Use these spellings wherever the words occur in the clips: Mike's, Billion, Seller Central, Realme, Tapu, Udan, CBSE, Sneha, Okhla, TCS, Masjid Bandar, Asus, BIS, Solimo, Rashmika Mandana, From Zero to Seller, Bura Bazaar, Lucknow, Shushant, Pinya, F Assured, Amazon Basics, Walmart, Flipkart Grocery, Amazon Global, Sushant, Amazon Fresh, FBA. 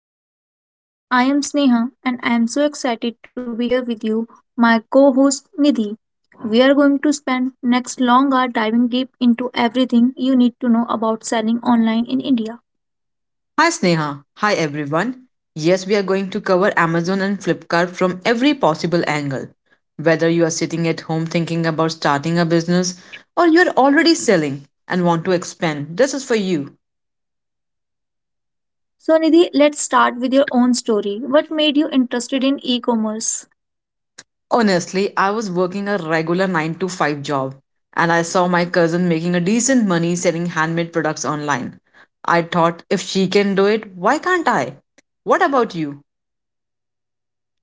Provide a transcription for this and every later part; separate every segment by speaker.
Speaker 1: Zero to Seller. I am Sneha and I am so excited to be here with you, my co-host Nidhi. We are going to spend next long hour diving deep into everything you need to know about selling online in India.
Speaker 2: Hi Sneha. Hi everyone. Yes, we are going to cover Amazon and Flipkart from every possible angle. Whether you are sitting at home thinking about starting a business or you are already selling and want to expand, this is for you.
Speaker 1: So Nidhi, let's start with your own story. What made you interested in e-commerce?
Speaker 2: Honestly, I was working a regular 9 to 5 job and I saw my cousin making a decent money selling handmade products online. I thought if she can do it, why can't I? What about you?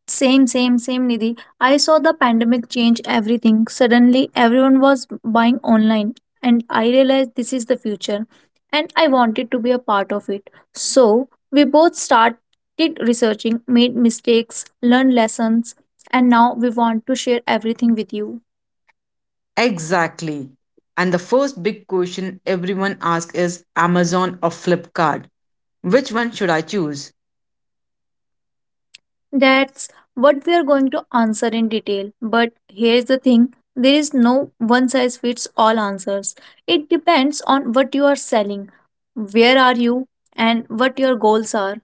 Speaker 1: Same, same, same, Nidhi. I saw the pandemic change everything. Suddenly, everyone was buying online, and I realized this is the future, and I wanted to be a part of it. So, we both started researching, made mistakes, learned lessons, and now we want to share everything with you.
Speaker 2: Exactly. And the first big question everyone asks is Amazon or Flipkart? Which one should I choose?
Speaker 1: That's what we are going to answer in detail. But here's the thing there is no one size fits all answers. It depends on what you are selling, where are you, and what your goals are.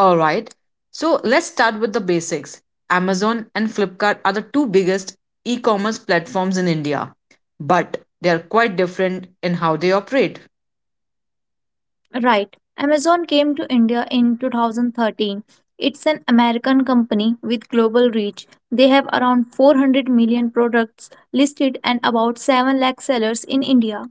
Speaker 2: Alright, so let's start with the basics. Amazon and Flipkart are the two biggest e commerce platforms in India, but they are quite different in how they operate.
Speaker 1: Right. Amazon came to India in 2013. It's an American company with global reach. They have around 400 million products listed and about 7 lakh sellers in India.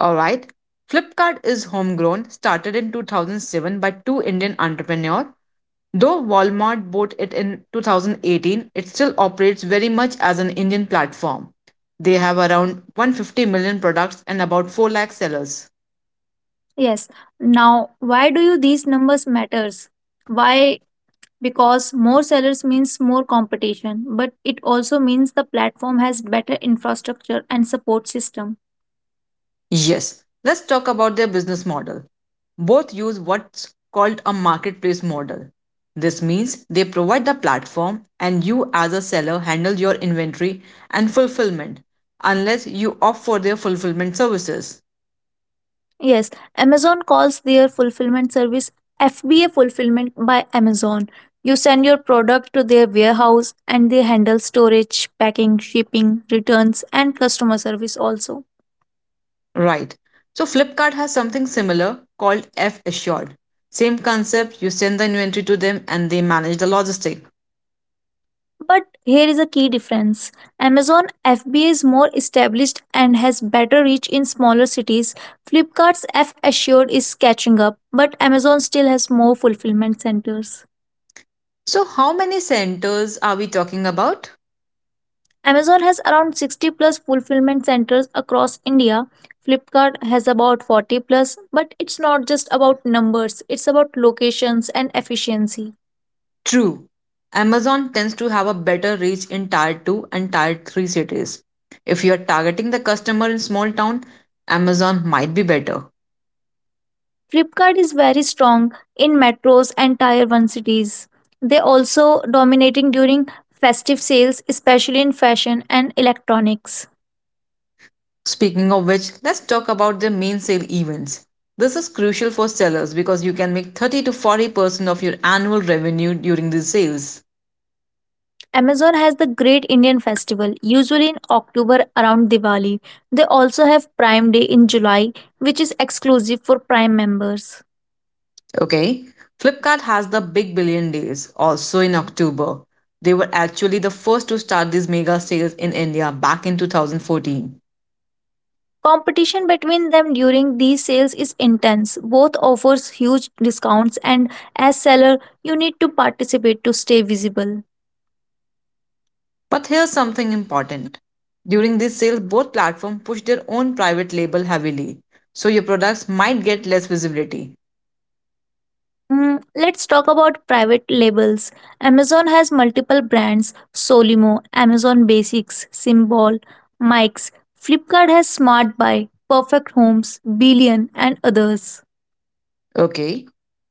Speaker 2: Alright, Flipkart is homegrown, started in 2007 by two Indian entrepreneurs. Though Walmart bought it in 2018, it still operates very much as an Indian platform. They have around 150 million products and about 4 lakh sellers.
Speaker 1: Yes. Now, why do you these numbers matters? Why because more sellers means more competition, but it also means the platform has better infrastructure and support system.
Speaker 2: Yes, let's talk about their business model. Both use what's called a marketplace model. This means they provide the platform and you, as a seller, handle your inventory and fulfillment unless you opt for their fulfillment services.
Speaker 1: Yes, Amazon calls their fulfillment service FBA fulfillment by Amazon. You send your product to their warehouse and they handle storage, packing, shipping, returns, and customer service also.
Speaker 2: Right. So Flipkart has something similar called F Assured. Same concept, you send the inventory to them and they manage the logistic.
Speaker 1: But here is a key difference. Amazon FBA is more established and has better reach in smaller cities. Flipkart's F Assured is catching up, but Amazon still has more fulfillment centers.
Speaker 2: So how many centers are we talking about?
Speaker 1: Amazon has around 60 plus fulfillment centers across India. Flipkart has about 40 plus, but it's not just about numbers, it's about locations and efficiency.
Speaker 2: True. Amazon tends to have a better reach in tier 2 and tier 3 cities. If you are targeting the customer in small town, Amazon might be better.
Speaker 1: Flipkart is very strong in metros and tier 1 cities. They also dominating during festive sales especially in fashion and electronics.
Speaker 2: Speaking of which, let's talk about their main sale events. This is crucial for sellers because you can make 30 to 40% of your annual revenue during these sales.
Speaker 1: Amazon has the Great Indian Festival usually in October around Diwali. They also have Prime Day in July which is exclusive for Prime members.
Speaker 2: Okay. Flipkart has the Big Billion Days also in October. They were actually the first to start these mega sales in India back in 2014.
Speaker 1: Competition between them during these sales is intense. Both offers huge discounts and as seller you need to participate to stay visible.
Speaker 2: But here's something important. During these sales, both platforms push their own private label heavily, so your products might get less visibility.
Speaker 1: Let's talk about private labels. Amazon has multiple brands Solimo, Amazon Basics, Symbol, Mike's. Flipkart has Smart Buy, Perfect Homes, Billion, and others.
Speaker 2: Okay.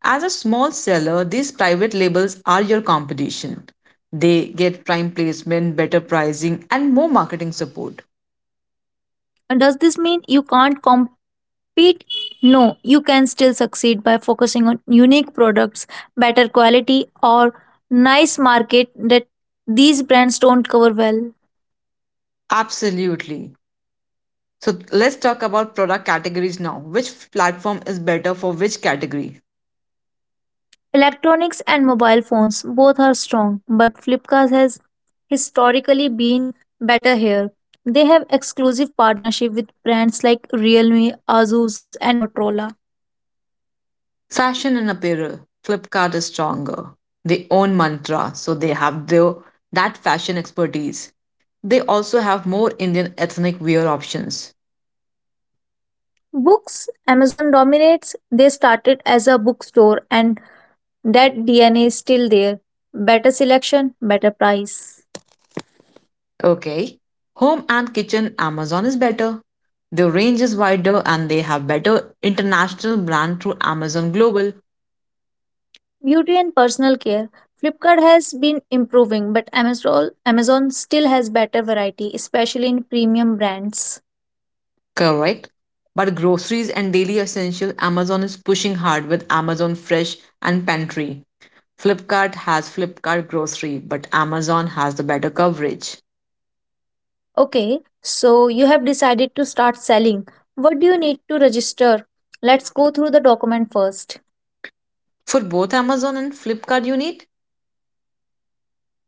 Speaker 2: As a small seller, these private labels are your competition. They get prime placement, better pricing, and more marketing support.
Speaker 1: And does this mean you can't compete? No, you can still succeed by focusing on unique products, better quality, or nice market that these brands don't cover well.
Speaker 2: Absolutely. So let's talk about product categories now. Which platform is better for which category?
Speaker 1: Electronics and mobile phones both are strong, but Flipkart has historically been better here. They have exclusive partnership with brands like Realme, Asus and Motorola.
Speaker 2: Fashion and apparel. Flipkart is stronger. They own Mantra, so they have their that fashion expertise. They also have more Indian ethnic wear options.
Speaker 1: Books, Amazon dominates. They started as a bookstore and that DNA is still there. Better selection, better price.
Speaker 2: Okay. Home and kitchen, Amazon is better. Their range is wider and they have better international brand through Amazon Global.
Speaker 1: Beauty and personal care. Flipkart has been improving, but Amazon still has better variety, especially in premium brands.
Speaker 2: Correct. But groceries and daily essential, Amazon is pushing hard with Amazon Fresh and Pantry. Flipkart has Flipkart Grocery, but Amazon has the better coverage.
Speaker 1: Okay, so you have decided to start selling. What do you need to register? Let's go through the document first.
Speaker 2: For both Amazon and Flipkart, you need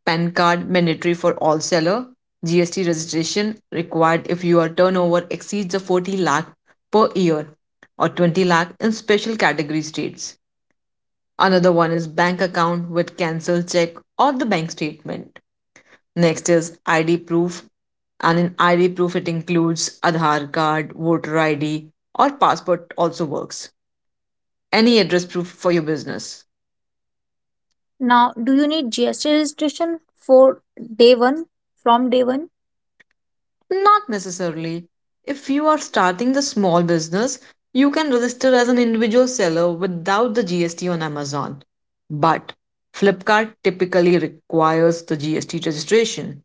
Speaker 2: PAN card mandatory for all seller, GST registration required if your turnover exceeds the 40 lakh per year or 20 lakh in special category states. Another one is bank account with cancel check or the bank statement. Next is ID proof. And in ID proof, it includes Aadhaar card, voter ID, or passport also works. Any address proof for your business.
Speaker 1: Now, do you need GST registration for day one? From day one,
Speaker 2: Not necessarily. If you are starting the small business, you can register as an individual seller without the GST on Amazon. But Flipkart typically requires the GST registration.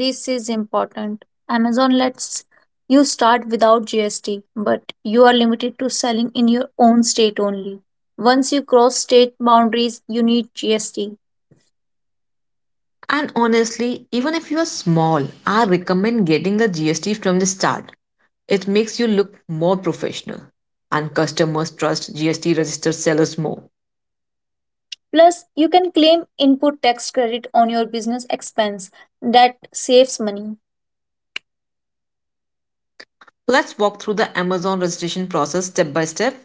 Speaker 1: this is important. Amazon lets you start without GST, but you are limited to selling in your own state only. Once you cross state boundaries, you need GST.
Speaker 2: And honestly, even if you are small, I recommend getting the GST from the start. It makes you look more professional, and customers trust GST registered sellers more.
Speaker 1: Plus, you can claim input tax credit on your business expense that saves money
Speaker 2: Let's walk through the Amazon registration process step by step.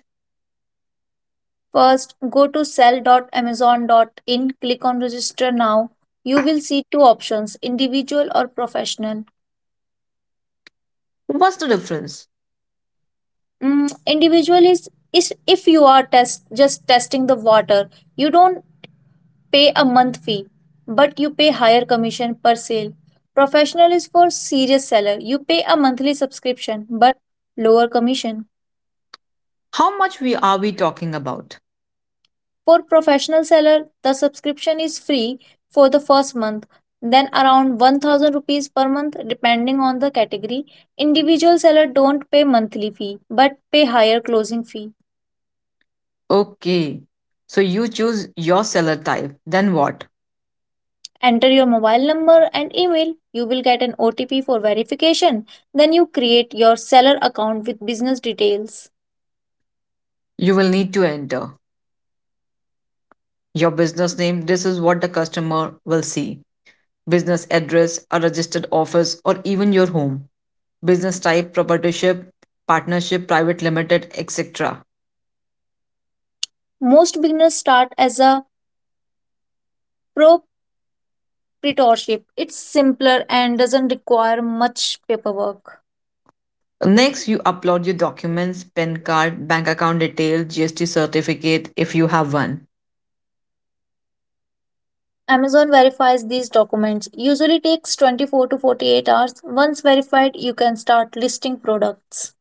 Speaker 1: First, go to sell dot dot amazon dot in. Click on register now. You will see two options individual or professional.
Speaker 2: What's the difference?
Speaker 1: Mm, individual is if you are just testing the water, you don't pay a month fee, but you pay higher commission per sale. Professional is for serious seller. You pay a monthly subscription but lower commission.
Speaker 2: How much we are we talking about?
Speaker 1: For professional seller, the subscription is free for the first month, then around 1,000 rupees per month depending on the category. Individual seller don't pay monthly fee but pay higher closing fee.
Speaker 2: Okay. So you choose your seller type. Then what?
Speaker 1: Enter your mobile number and email. You will get an OTP for verification. Then you create your seller account with business details.
Speaker 2: You will need to enter your business name. This is what the customer will see. Business address, a registered office, or even your home. Business type, proprietorship, partnership, private limited, etc.
Speaker 1: Most beginners start as a proprietorship. It's simpler and doesn't require much paperwork.
Speaker 2: Next, you upload your documents, PIN card, bank account detail, GST certificate if you have one.
Speaker 1: Amazon verifies these documents. Usually takes 24 to 48 hours. Once verified, you can start listing products.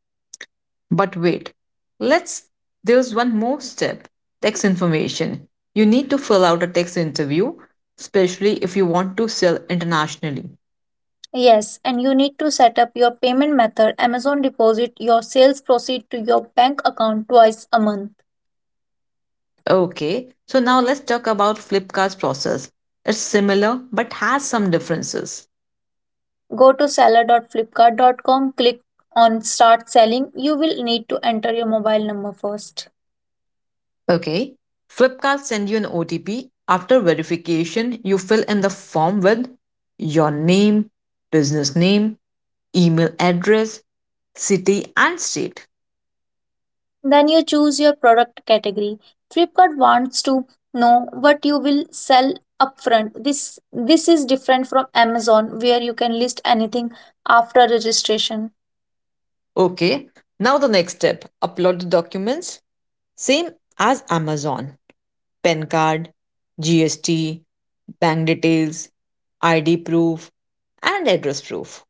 Speaker 2: But wait, let's there's one more step: tax information. You need to fill out a tax interview, especially if you want to sell internationally.
Speaker 1: Yes, and you need to set up your payment method. Amazon deposit your sales proceed to your bank account twice a month.
Speaker 2: Okay, so now let's talk about Flipkart's process. It's similar but has some differences.
Speaker 1: Go to seller. Dot Flipkart. Dot Com. Click on start selling. You will need to enter your mobile number first.
Speaker 2: Okay. Flipkart send you an OTP. After verification, you fill in the form with your name, business name, email address, city, and state.
Speaker 1: Then you choose your product category. Flipkart wants to know what you will sell upfront. This is different from Amazon where you can list anything after registration.
Speaker 2: Okay. Now the next step: upload the documents. Same as Amazon: PAN card, GST, bank details, ID proof, and address proof.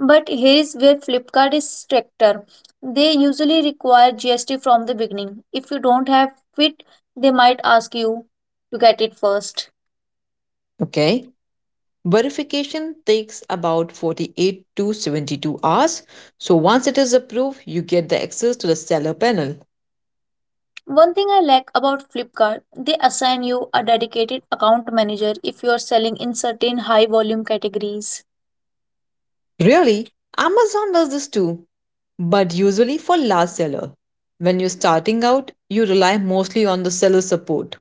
Speaker 1: But here is where Flipkart is stricter. They usually require GST from the beginning. If you don't have it, they might ask you to get it first.
Speaker 2: Okay. Verification takes about 48 to 72 hours. So once it is approved, you get the access to the seller panel.
Speaker 1: One thing I like about Flipkart, they assign you a dedicated account manager if you are selling in certain high volume categories.
Speaker 2: Really, Amazon does this too, but usually for large seller. When you're starting out, you rely mostly on the seller support.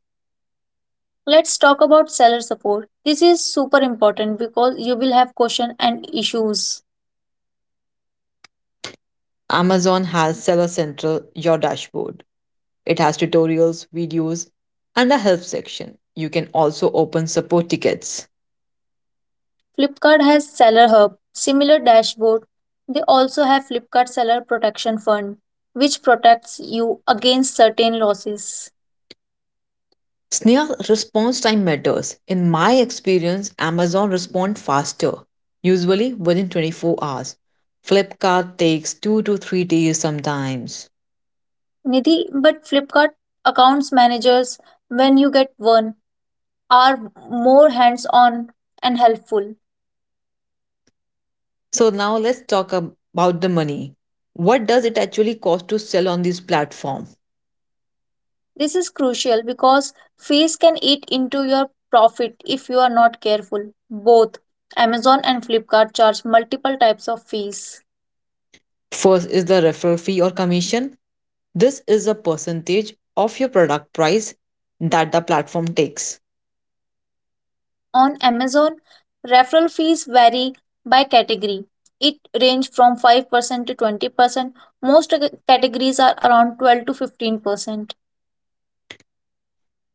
Speaker 1: Let's talk about seller support. This is super important because you will have questions and issues.
Speaker 2: Amazon has Seller Central, your dashboard. It has tutorials, videos, and a help section. You can also open support tickets.
Speaker 1: Flipkart has seller hub, similar dashboard. They also have Flipkart seller protection fund, which protects you against certain losses.
Speaker 2: Sneha, response time matters. In my experience, Amazon responds faster, usually within 24 hours. Flipkart takes 2 to 3 days sometimes.
Speaker 1: Nidhi, but Flipkart accounts managers, when you get one, are more hands on and helpful.
Speaker 2: So now let's talk about the money. What does it actually cost to sell on this platform?
Speaker 1: This is crucial because fees can eat into your profit if you are not careful. Both Amazon and Flipkart charge multiple types of fees.
Speaker 2: First is the referral fee or commission. This is a percentage of your product price that the platform takes.
Speaker 1: On Amazon, referral fees vary by category. It range from 5% to 20%. Most categories are around 12 to 15%.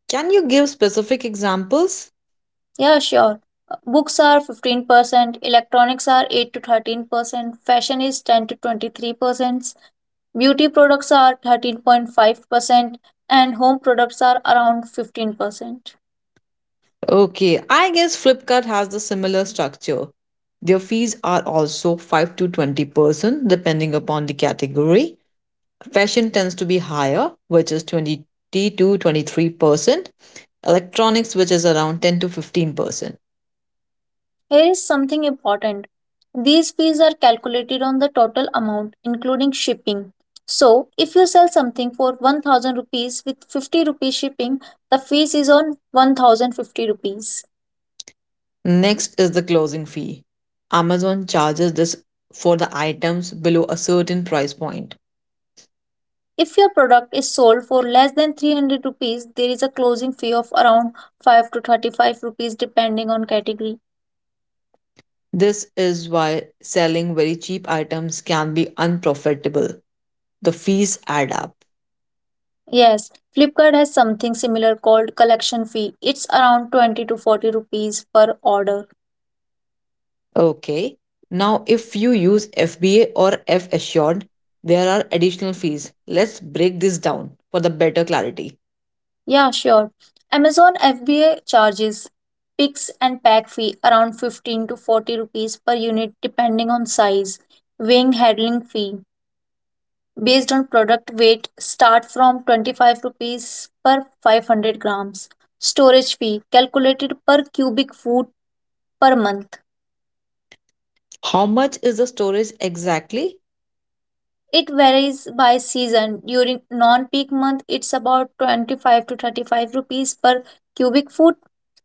Speaker 2: Can you give specific examples?
Speaker 1: Yeah, sure. Books are 15%, electronics are 8 to 13%, fashion is 10 to 23%, Beauty products are 13.5% and home products are around 15%.
Speaker 2: Okay, I guess Flipkart has the similar structure. Their fees are also 5 to 20% depending upon the category. Fashion tends to be higher, which is 20 to 23%. Electronics, which is around 10 to 15%.
Speaker 1: Here is something important. These fees are calculated on the total amount including shipping. So, if you sell something for 1,000 rupees with 50 rupees shipping, the fees is on 1,050 rupees.
Speaker 2: Next is the closing fee. Amazon charges this for the items below a certain price point.
Speaker 1: If your product is sold for less than 300 rupees, there is a closing fee of around 5 to 35 rupees depending on category.
Speaker 2: This is why selling very cheap items can be unprofitable. The fees add up.
Speaker 1: Yes, Flipkart has something similar called collection fee. It's around 20 to 40 rupees per order.
Speaker 2: Okay. Now, if you use FBA or F Assured, there are additional fees. Let's break this down for the better clarity.
Speaker 1: Yeah, sure. Amazon FBA charges picks and pack fee around 15 to 40 rupees per unit depending on size. Weighing handling fee based on product weight start from 25 rupees per 500 grams. Storage fee calculated per cubic foot per month.
Speaker 2: How much is the storage exactly?
Speaker 1: It varies by season. During non-peak month, it's about 25 to 35 rupees per cubic foot.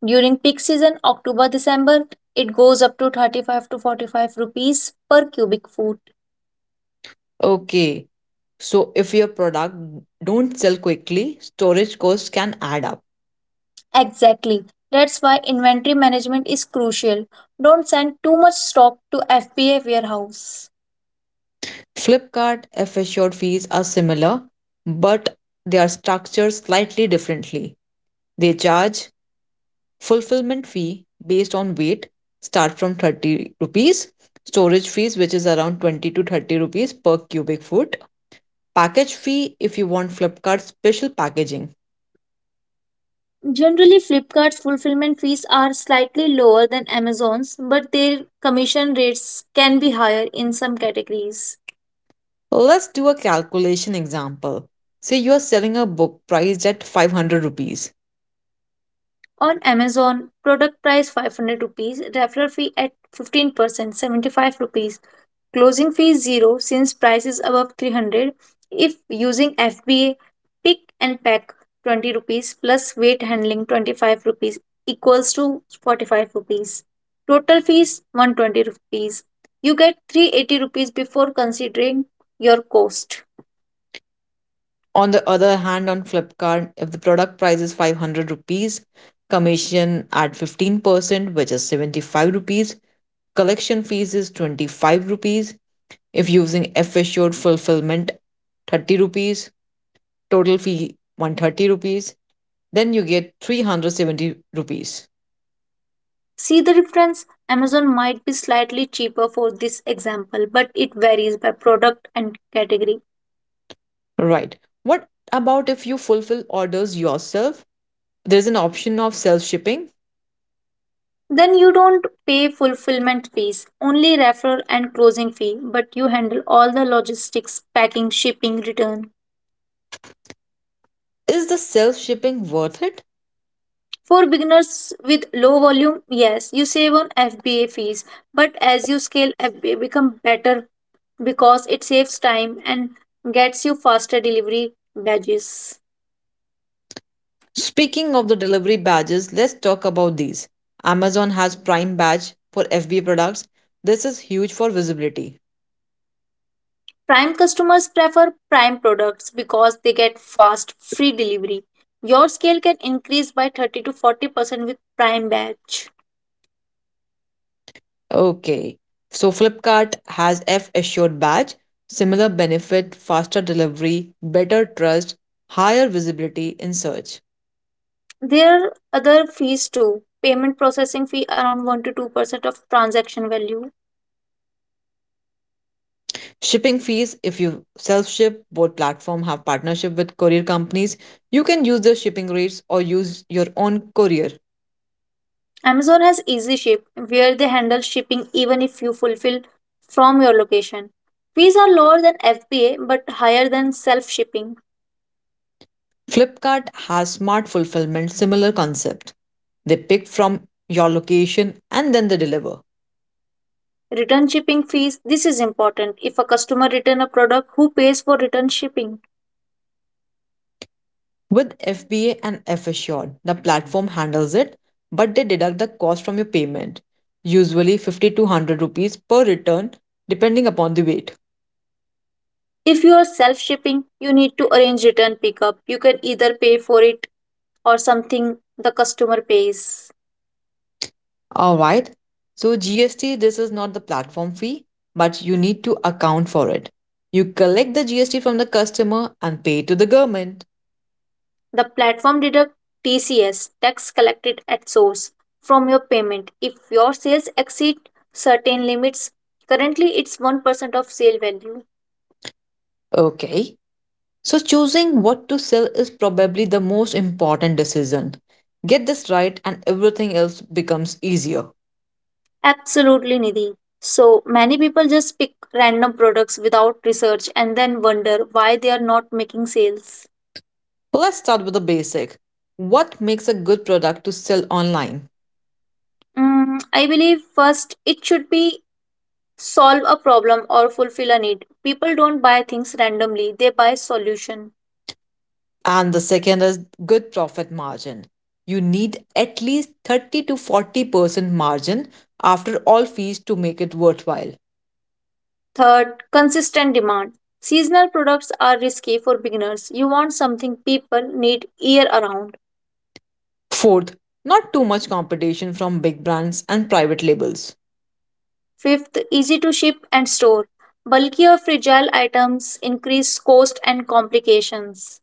Speaker 1: During peak season, October December, it goes up to 35 to 45 rupees per cubic foot.
Speaker 2: Okay. So, if your product don't sell quickly, storage costs can add up.
Speaker 1: Exactly. That's why inventory management is crucial. Don't send too much stock to FBA warehouse.
Speaker 2: Flipkart F Assured fees are similar, but they are structured slightly differently. They charge fulfillment fee based on weight, start from 30 rupees; storage fees which is around 20 to 30 rupees per cubic foot; package fee if you want flipkart special packaging.
Speaker 1: Generally, Flipkart's fulfillment fees are slightly lower than Amazon's, but their commission rates can be higher in some categories.
Speaker 2: Let's do a calculation example. Say you are selling a book priced at 500 rupees.
Speaker 1: On Amazon, product price 500 rupees, referral fee at 15%, 75 rupees. Closing fee zero since price is above 300. If using FBA, pick and pack 20 rupees plus weight handling 25 rupees equals to 45 rupees. Total fees 120 rupees. You get 380 rupees before considering your cost.
Speaker 2: On the other hand, on Flipkart, if the product price is 500 rupees, commission at 15%, which is 75 rupees, collection fees is 25 rupees. If using F assured fulfillment, 30 rupees, total fee 130 rupees, then you get 370 rupees.
Speaker 1: See the difference? Amazon might be slightly cheaper for this example, but it varies by product and category.
Speaker 2: Right. What about if you fulfill orders yourself? There's an option of self shipping.
Speaker 1: Then you don't pay fulfillment fees, only referral and closing fee, but you handle all the logistics, packing, shipping, return.
Speaker 2: Is the self shipping worth it?
Speaker 1: For beginners with low volume, yes, you save on FBA fees, but as you scale, FBA become better because it saves time and gets you faster delivery badges.
Speaker 2: Speaking of the delivery badges, let's talk about these. Amazon has Prime badge for FBA products. This is huge for visibility.
Speaker 1: Prime customers prefer Prime products because they get fast, free delivery. Your scale can increase by 30 to 40% with Prime Batch.
Speaker 2: Okay. So Flipkart has F assured badge, similar benefit, faster delivery, better trust, higher visibility in search.
Speaker 1: There are other fees too. Payment processing fee around 1 to 2% of transaction value.
Speaker 2: Shipping fees if you self ship, both platform have partnership with courier companies. You can use their shipping rates or use your own courier.
Speaker 1: Amazon has Easy Ship, where they handle shipping even if you fulfill from your location. Fees are lower than FBA but higher than self shipping.
Speaker 2: Flipkart has smart fulfillment, similar concept. They pick from your location and then they deliver.
Speaker 1: Return shipping fees this is important. If a customer returns a product, who pays for return shipping?
Speaker 2: With FBA and F Assured, the platform handles it, but they deduct the cost from your payment, usually 50 to 100 rupees per return, depending upon the weight.
Speaker 1: If you are self shipping, you need to arrange return pickup. You can either pay for it or something the customer pays.
Speaker 2: Alright, so GST, this is not the platform fee, but you need to account for it. You collect the GST from the customer and pay to the government.
Speaker 1: The platform deduct TCS tax collected at source from your payment if your sales exceed certain limits. Currently, it's 1% of sale value.
Speaker 2: Okay. So, choosing what to sell is probably the most important decision. Get this right, and everything else becomes easier.
Speaker 1: Absolutely, Nidhi. So many people just pick random products without research and then wonder why they are not making sales.
Speaker 2: So let's start with the basic. What makes a good product to sell online?
Speaker 1: I believe first it should be solve a problem or fulfill a need. People don't buy things randomly, they buy solution.
Speaker 2: And the second is good profit margin. You need at least 30 to 40% margin after all fees to make it worthwhile.
Speaker 1: Third, consistent demand. Seasonal products are risky for beginners. You want something people need year around.
Speaker 2: Fourth, not too much competition from big brands and private labels.
Speaker 1: Fifth, easy to ship and store. Bulky or fragile items increase cost and complications.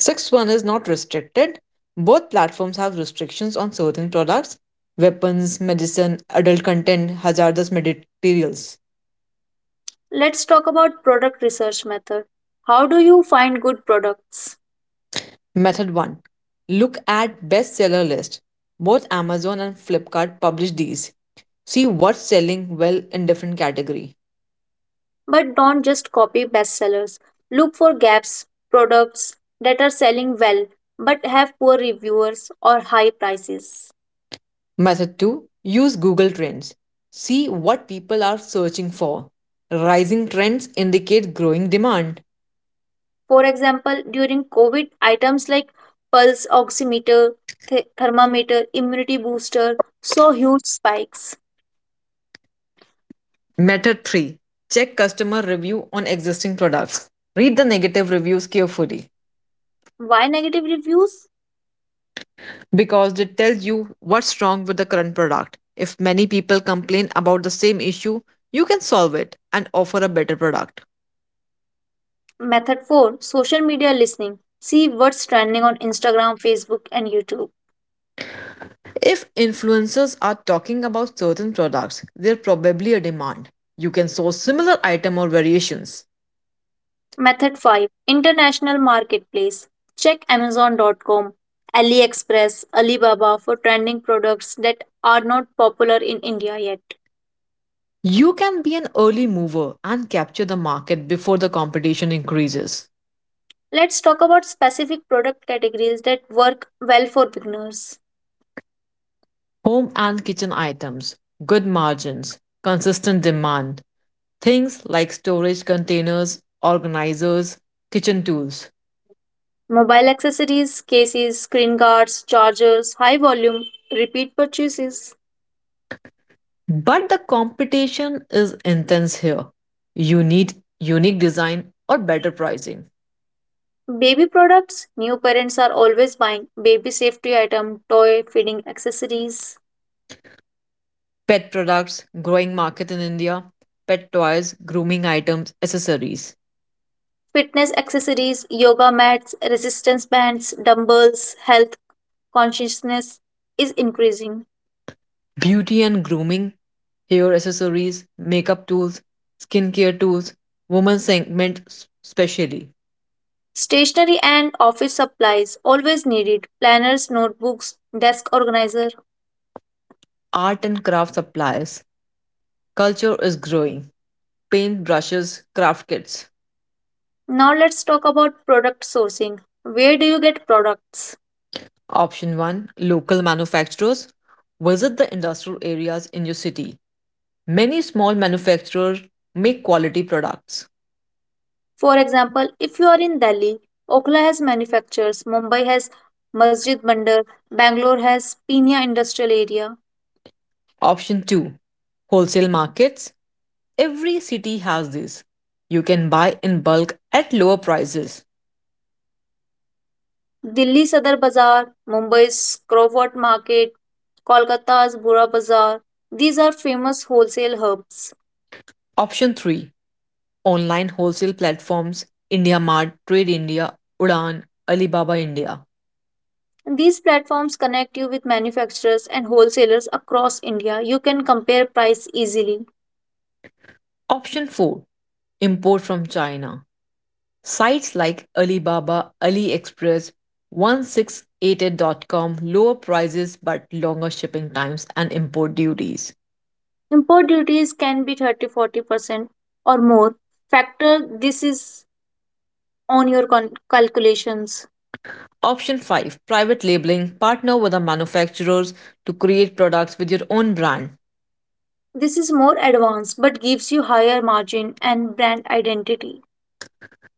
Speaker 2: Sixth one is not restricted. Both platforms have restrictions on certain products: weapons, medicine, adult content, hazardous materials.
Speaker 1: Let's talk about product research method. How do you find good products?
Speaker 2: Method 1. Look at bestseller list. Both Amazon and Flipkart publish these. See what's selling well in different category.
Speaker 1: But don't just copy bestsellers. Look for gaps, products that are selling well but have poor reviewers or high prices.
Speaker 2: Method 2. Use Google Trends. See what people are searching for. Rising trends indicate growing demand.
Speaker 1: For example, during COVID, items like pulse oximeter, thermometer, immunity booster saw huge spikes.
Speaker 2: Method 3. Check customer review on existing products. Read the negative reviews carefully
Speaker 1: Why negative reviews?
Speaker 2: because they tell you what's wrong with the current product. If many people complain about the same issue, you can solve it and offer a better product.
Speaker 1: Method 4 Social media listening. See what's trending on Instagram, Facebook, and YouTube.
Speaker 2: If influencers are talking about certain products, there's probably a demand. You can source similar item or variations.
Speaker 1: Method 5 International Marketplace. Check Amazon.com, AliExpress, Alibaba for trending products that are not popular in India yet.
Speaker 2: You can be an early mover and capture the market before the competition increases.
Speaker 1: Let's talk about specific product categories that work well for beginners.
Speaker 2: Home and kitchen items, good margins, consistent demand. Things like storage containers, organizers, kitchen tools.
Speaker 1: Mobile accessories, cases, screen guards, chargers, high volume, repeat purchases.
Speaker 2: But the competition is intense here. You need unique design or better pricing.
Speaker 1: Baby products, new parents are always buying baby safety item, toy, feeding accessories.
Speaker 2: Pet products, growing market in India, pet toys, grooming items, accessories.
Speaker 1: Fitness accessories, yoga mats, resistance bands, dumbbells, health consciousness is increasing.
Speaker 2: Beauty and grooming, hair accessories, makeup tools, skincare tools, women's segment specially.
Speaker 1: Stationery and office supplies always needed planners, notebooks, desk organizer.
Speaker 2: Art and craft supplies. Culture is growing. Paint brushes, craft kits.
Speaker 1: Now let's talk about product sourcing. Where do you get products?
Speaker 2: Option 1. Local manufacturers. Visit the industrial areas in your city. Many small manufacturers make quality products.
Speaker 1: For example, if you are in Delhi, Okhla has manufacturers, Mumbai has Masjid Bandar, Bangalore has Pinya industrial area.
Speaker 2: Option 2. Wholesale markets. Every city has these. You can buy in bulk at lower prices.
Speaker 1: Delhi सदर Bazaar, Mumbai's Crawford Market, Kolkata's Bura Bazaar. These are famous wholesale hubs.
Speaker 2: Option 3. Online wholesale platforms: India Mart, Trade India, Udan, Alibaba India.
Speaker 1: These platforms connect you with manufacturers and wholesalers across India. You can compare price easily.
Speaker 2: Option 4. Import from China. Sites like Alibaba, AliExpress, 1688.com, lower prices but longer shipping times and import duties.
Speaker 1: Import duties can be 30-40% or more. Factor this is on your calculations.
Speaker 2: Option 5. Private labeling. Partner with the manufacturers to create products with your own brand.
Speaker 1: This is more advanced but gives you higher margin and brand identity.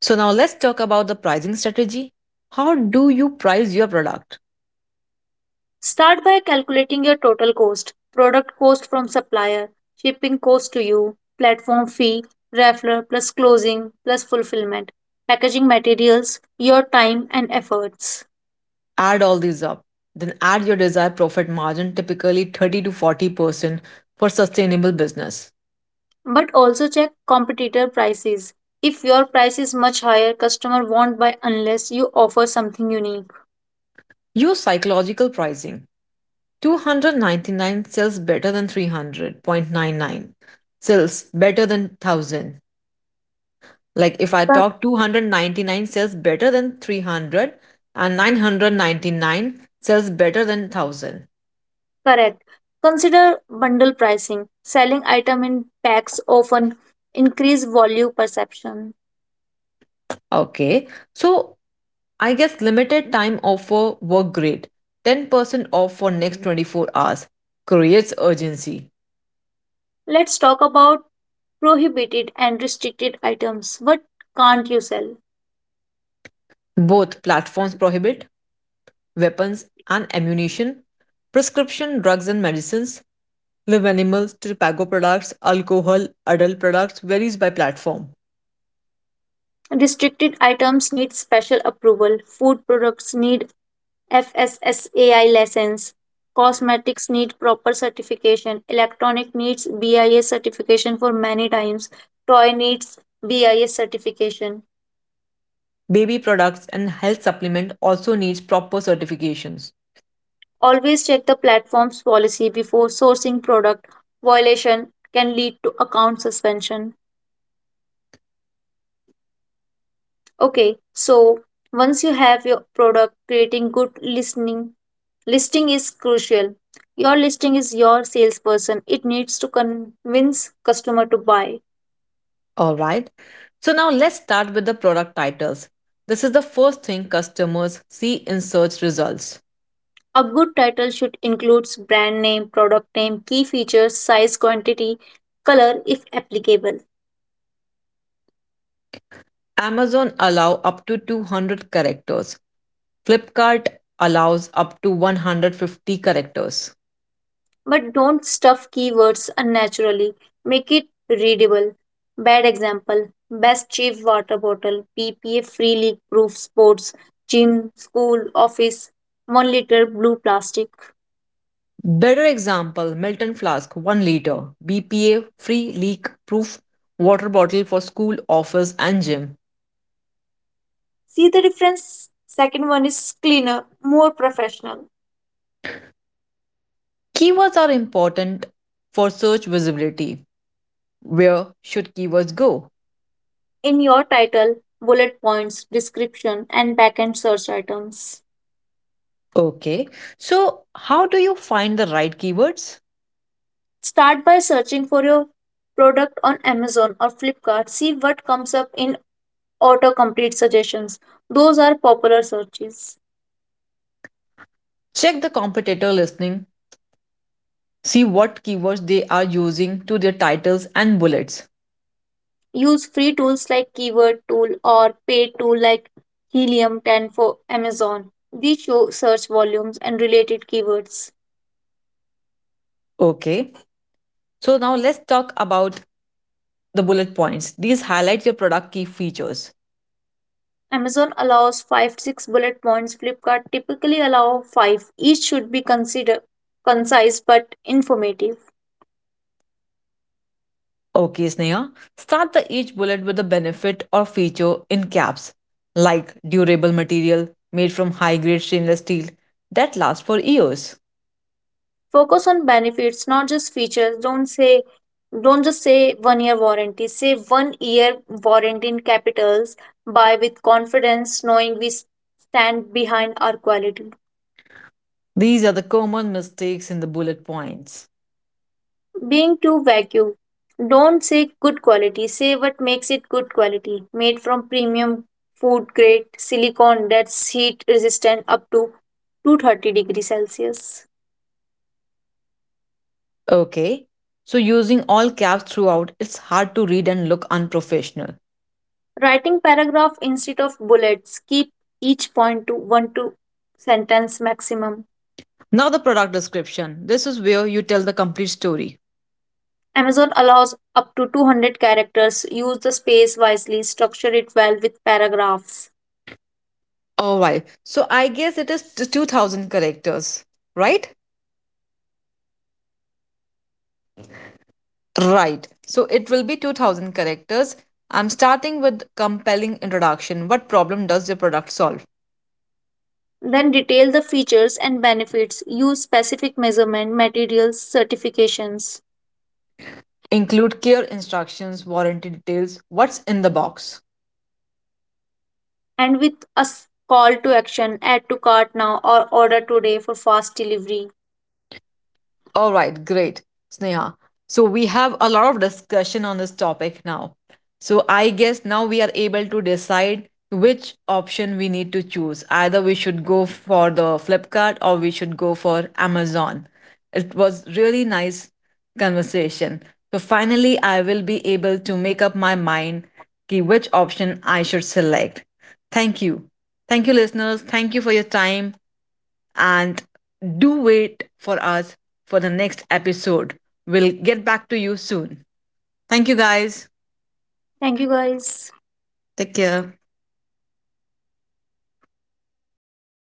Speaker 2: So, now let's talk about the pricing strategy. How do you price your product?
Speaker 1: Start by calculating your total cost product cost from supplier, shipping cost to you, platform fee, raffler plus closing plus fulfillment, packaging materials, your time and efforts.
Speaker 2: Add all these up. Then add your desired profit margin, typically 30 to 40% for sustainable business.
Speaker 1: But also check competitor prices. If your price is much higher, customer won't buy unless you offer something unique.
Speaker 2: Use psychological pricing. 299 sells better than 300.99. Sells better than 1000. Like if I
Speaker 1: Cor-
Speaker 2: talk 299 sells better than 300, and 999 sells better than 1000.
Speaker 1: Correct. Consider bundle pricing. Selling item in packs often increase value perception.
Speaker 2: Okay. So I guess limited time offer work great. 10% off for next 24 hours creates urgency.
Speaker 1: Let's talk about prohibited and restricted items. What can't you sell?
Speaker 2: Both platforms prohibit weapons and ammunition, prescription drugs and medicines, live animals, tobacco products, alcohol; adult products varies by platform.
Speaker 1: Restricted items need special approval. Food products need FSSAI license. Cosmetics need proper certification. Electronic needs BIS certification for many times. Toy needs BIS certification.
Speaker 2: Baby products and health supplement also needs proper certifications.
Speaker 1: Always check the platform's policy before sourcing product. Violation can lead to account suspension. Okay, so once you have your product, creating good listening listing is crucial. Your listing is your salesperson. It needs to convince customer to buy.
Speaker 2: All right. So now let's start with the product titles. This is the first thing customers see in search results.
Speaker 1: A good title should include brand name, product name, key features, size, quantity, color if applicable.
Speaker 2: Amazon allow up to 200 characters. Flipkart allows up to 150 characters.
Speaker 1: But don't stuff keywords unnaturally. Make it readable. Bad example Best cheap water bottle, BPA free leak proof sports, gym, school, office, 1 liter blue plastic.
Speaker 2: Better example: Melton flask 1 liter, BPA free leak proof water bottle for school, office, and gym.
Speaker 1: See the difference? Second one is cleaner, more professional.
Speaker 2: Keywords are important for search visibility. Where should keywords go?
Speaker 1: In your title, bullet points, description, and backend search items.
Speaker 2: Okay, so how do you find the right keywords?
Speaker 1: Start by searching for your product on Amazon or Flipkart. See what comes up in autocomplete suggestions. Those are popular searches.
Speaker 2: Check the competitor listing, see what keywords they are using to their titles and bullets.
Speaker 1: Use free tools like Keyword Tool or paid tool like Helium 10 for Amazon. These show search volumes and related keywords.
Speaker 2: Okay, so now let's talk about the bullet points. These highlight your product key features.
Speaker 1: Amazon allows 5 to 6 bullet points, Flipkart typically allow 5. Each should be consider concise but informative.
Speaker 2: Okay, Sneha, start the each bullet with a benefit or feature in caps, like durable material made from high-grade stainless steel that lasts for years.
Speaker 1: Focus on benefits, not just features. Don't just say 1 year warranty. Say 1 year warranty in capitals. Buy with confidence, knowing we stand behind our quality.
Speaker 2: These are the common mistakes in the bullet points.
Speaker 1: Being too vague. Don't say good quality. Say what makes it good quality. Made from premium food grade silicone that's heat resistant up to 230 degrees Celsius.
Speaker 2: Okay, so using all caps throughout, it's hard to read and look unprofessional.
Speaker 1: Writing paragraph instead of bullets. Keep each point to one to sentence maximum.
Speaker 2: Now the product description. This is where you tell the complete story.
Speaker 1: Amazon allows up to 200 characters. Use the space wisely. Structure it well with paragraphs.
Speaker 2: Alright, so I guess it is 2000 characters, right? Right. So it will be 2000 characters. I'm starting with compelling introduction. What problem does your product solve?
Speaker 1: Then detail the features and benefits. Use specific measurement, materials, certifications.
Speaker 2: Include clear instructions, warranty details, what's in the box.
Speaker 1: And with a call to action, add to cart now or order today for fast delivery.
Speaker 2: All right, great, Sneha. So we have a lot of discussion on this topic now. So I guess now we are able to decide which option we need to choose. Either we should go for the Flipkart or we should go for Amazon. It was really nice conversation. So finally I will be able to make up my mind ki which option I should select. Thank you. Thank you listeners. Thank you for your time and do wait for us for the next episode. We'll get back to you soon. Thank you guys.
Speaker 1: Thank you guys.
Speaker 2: Take care.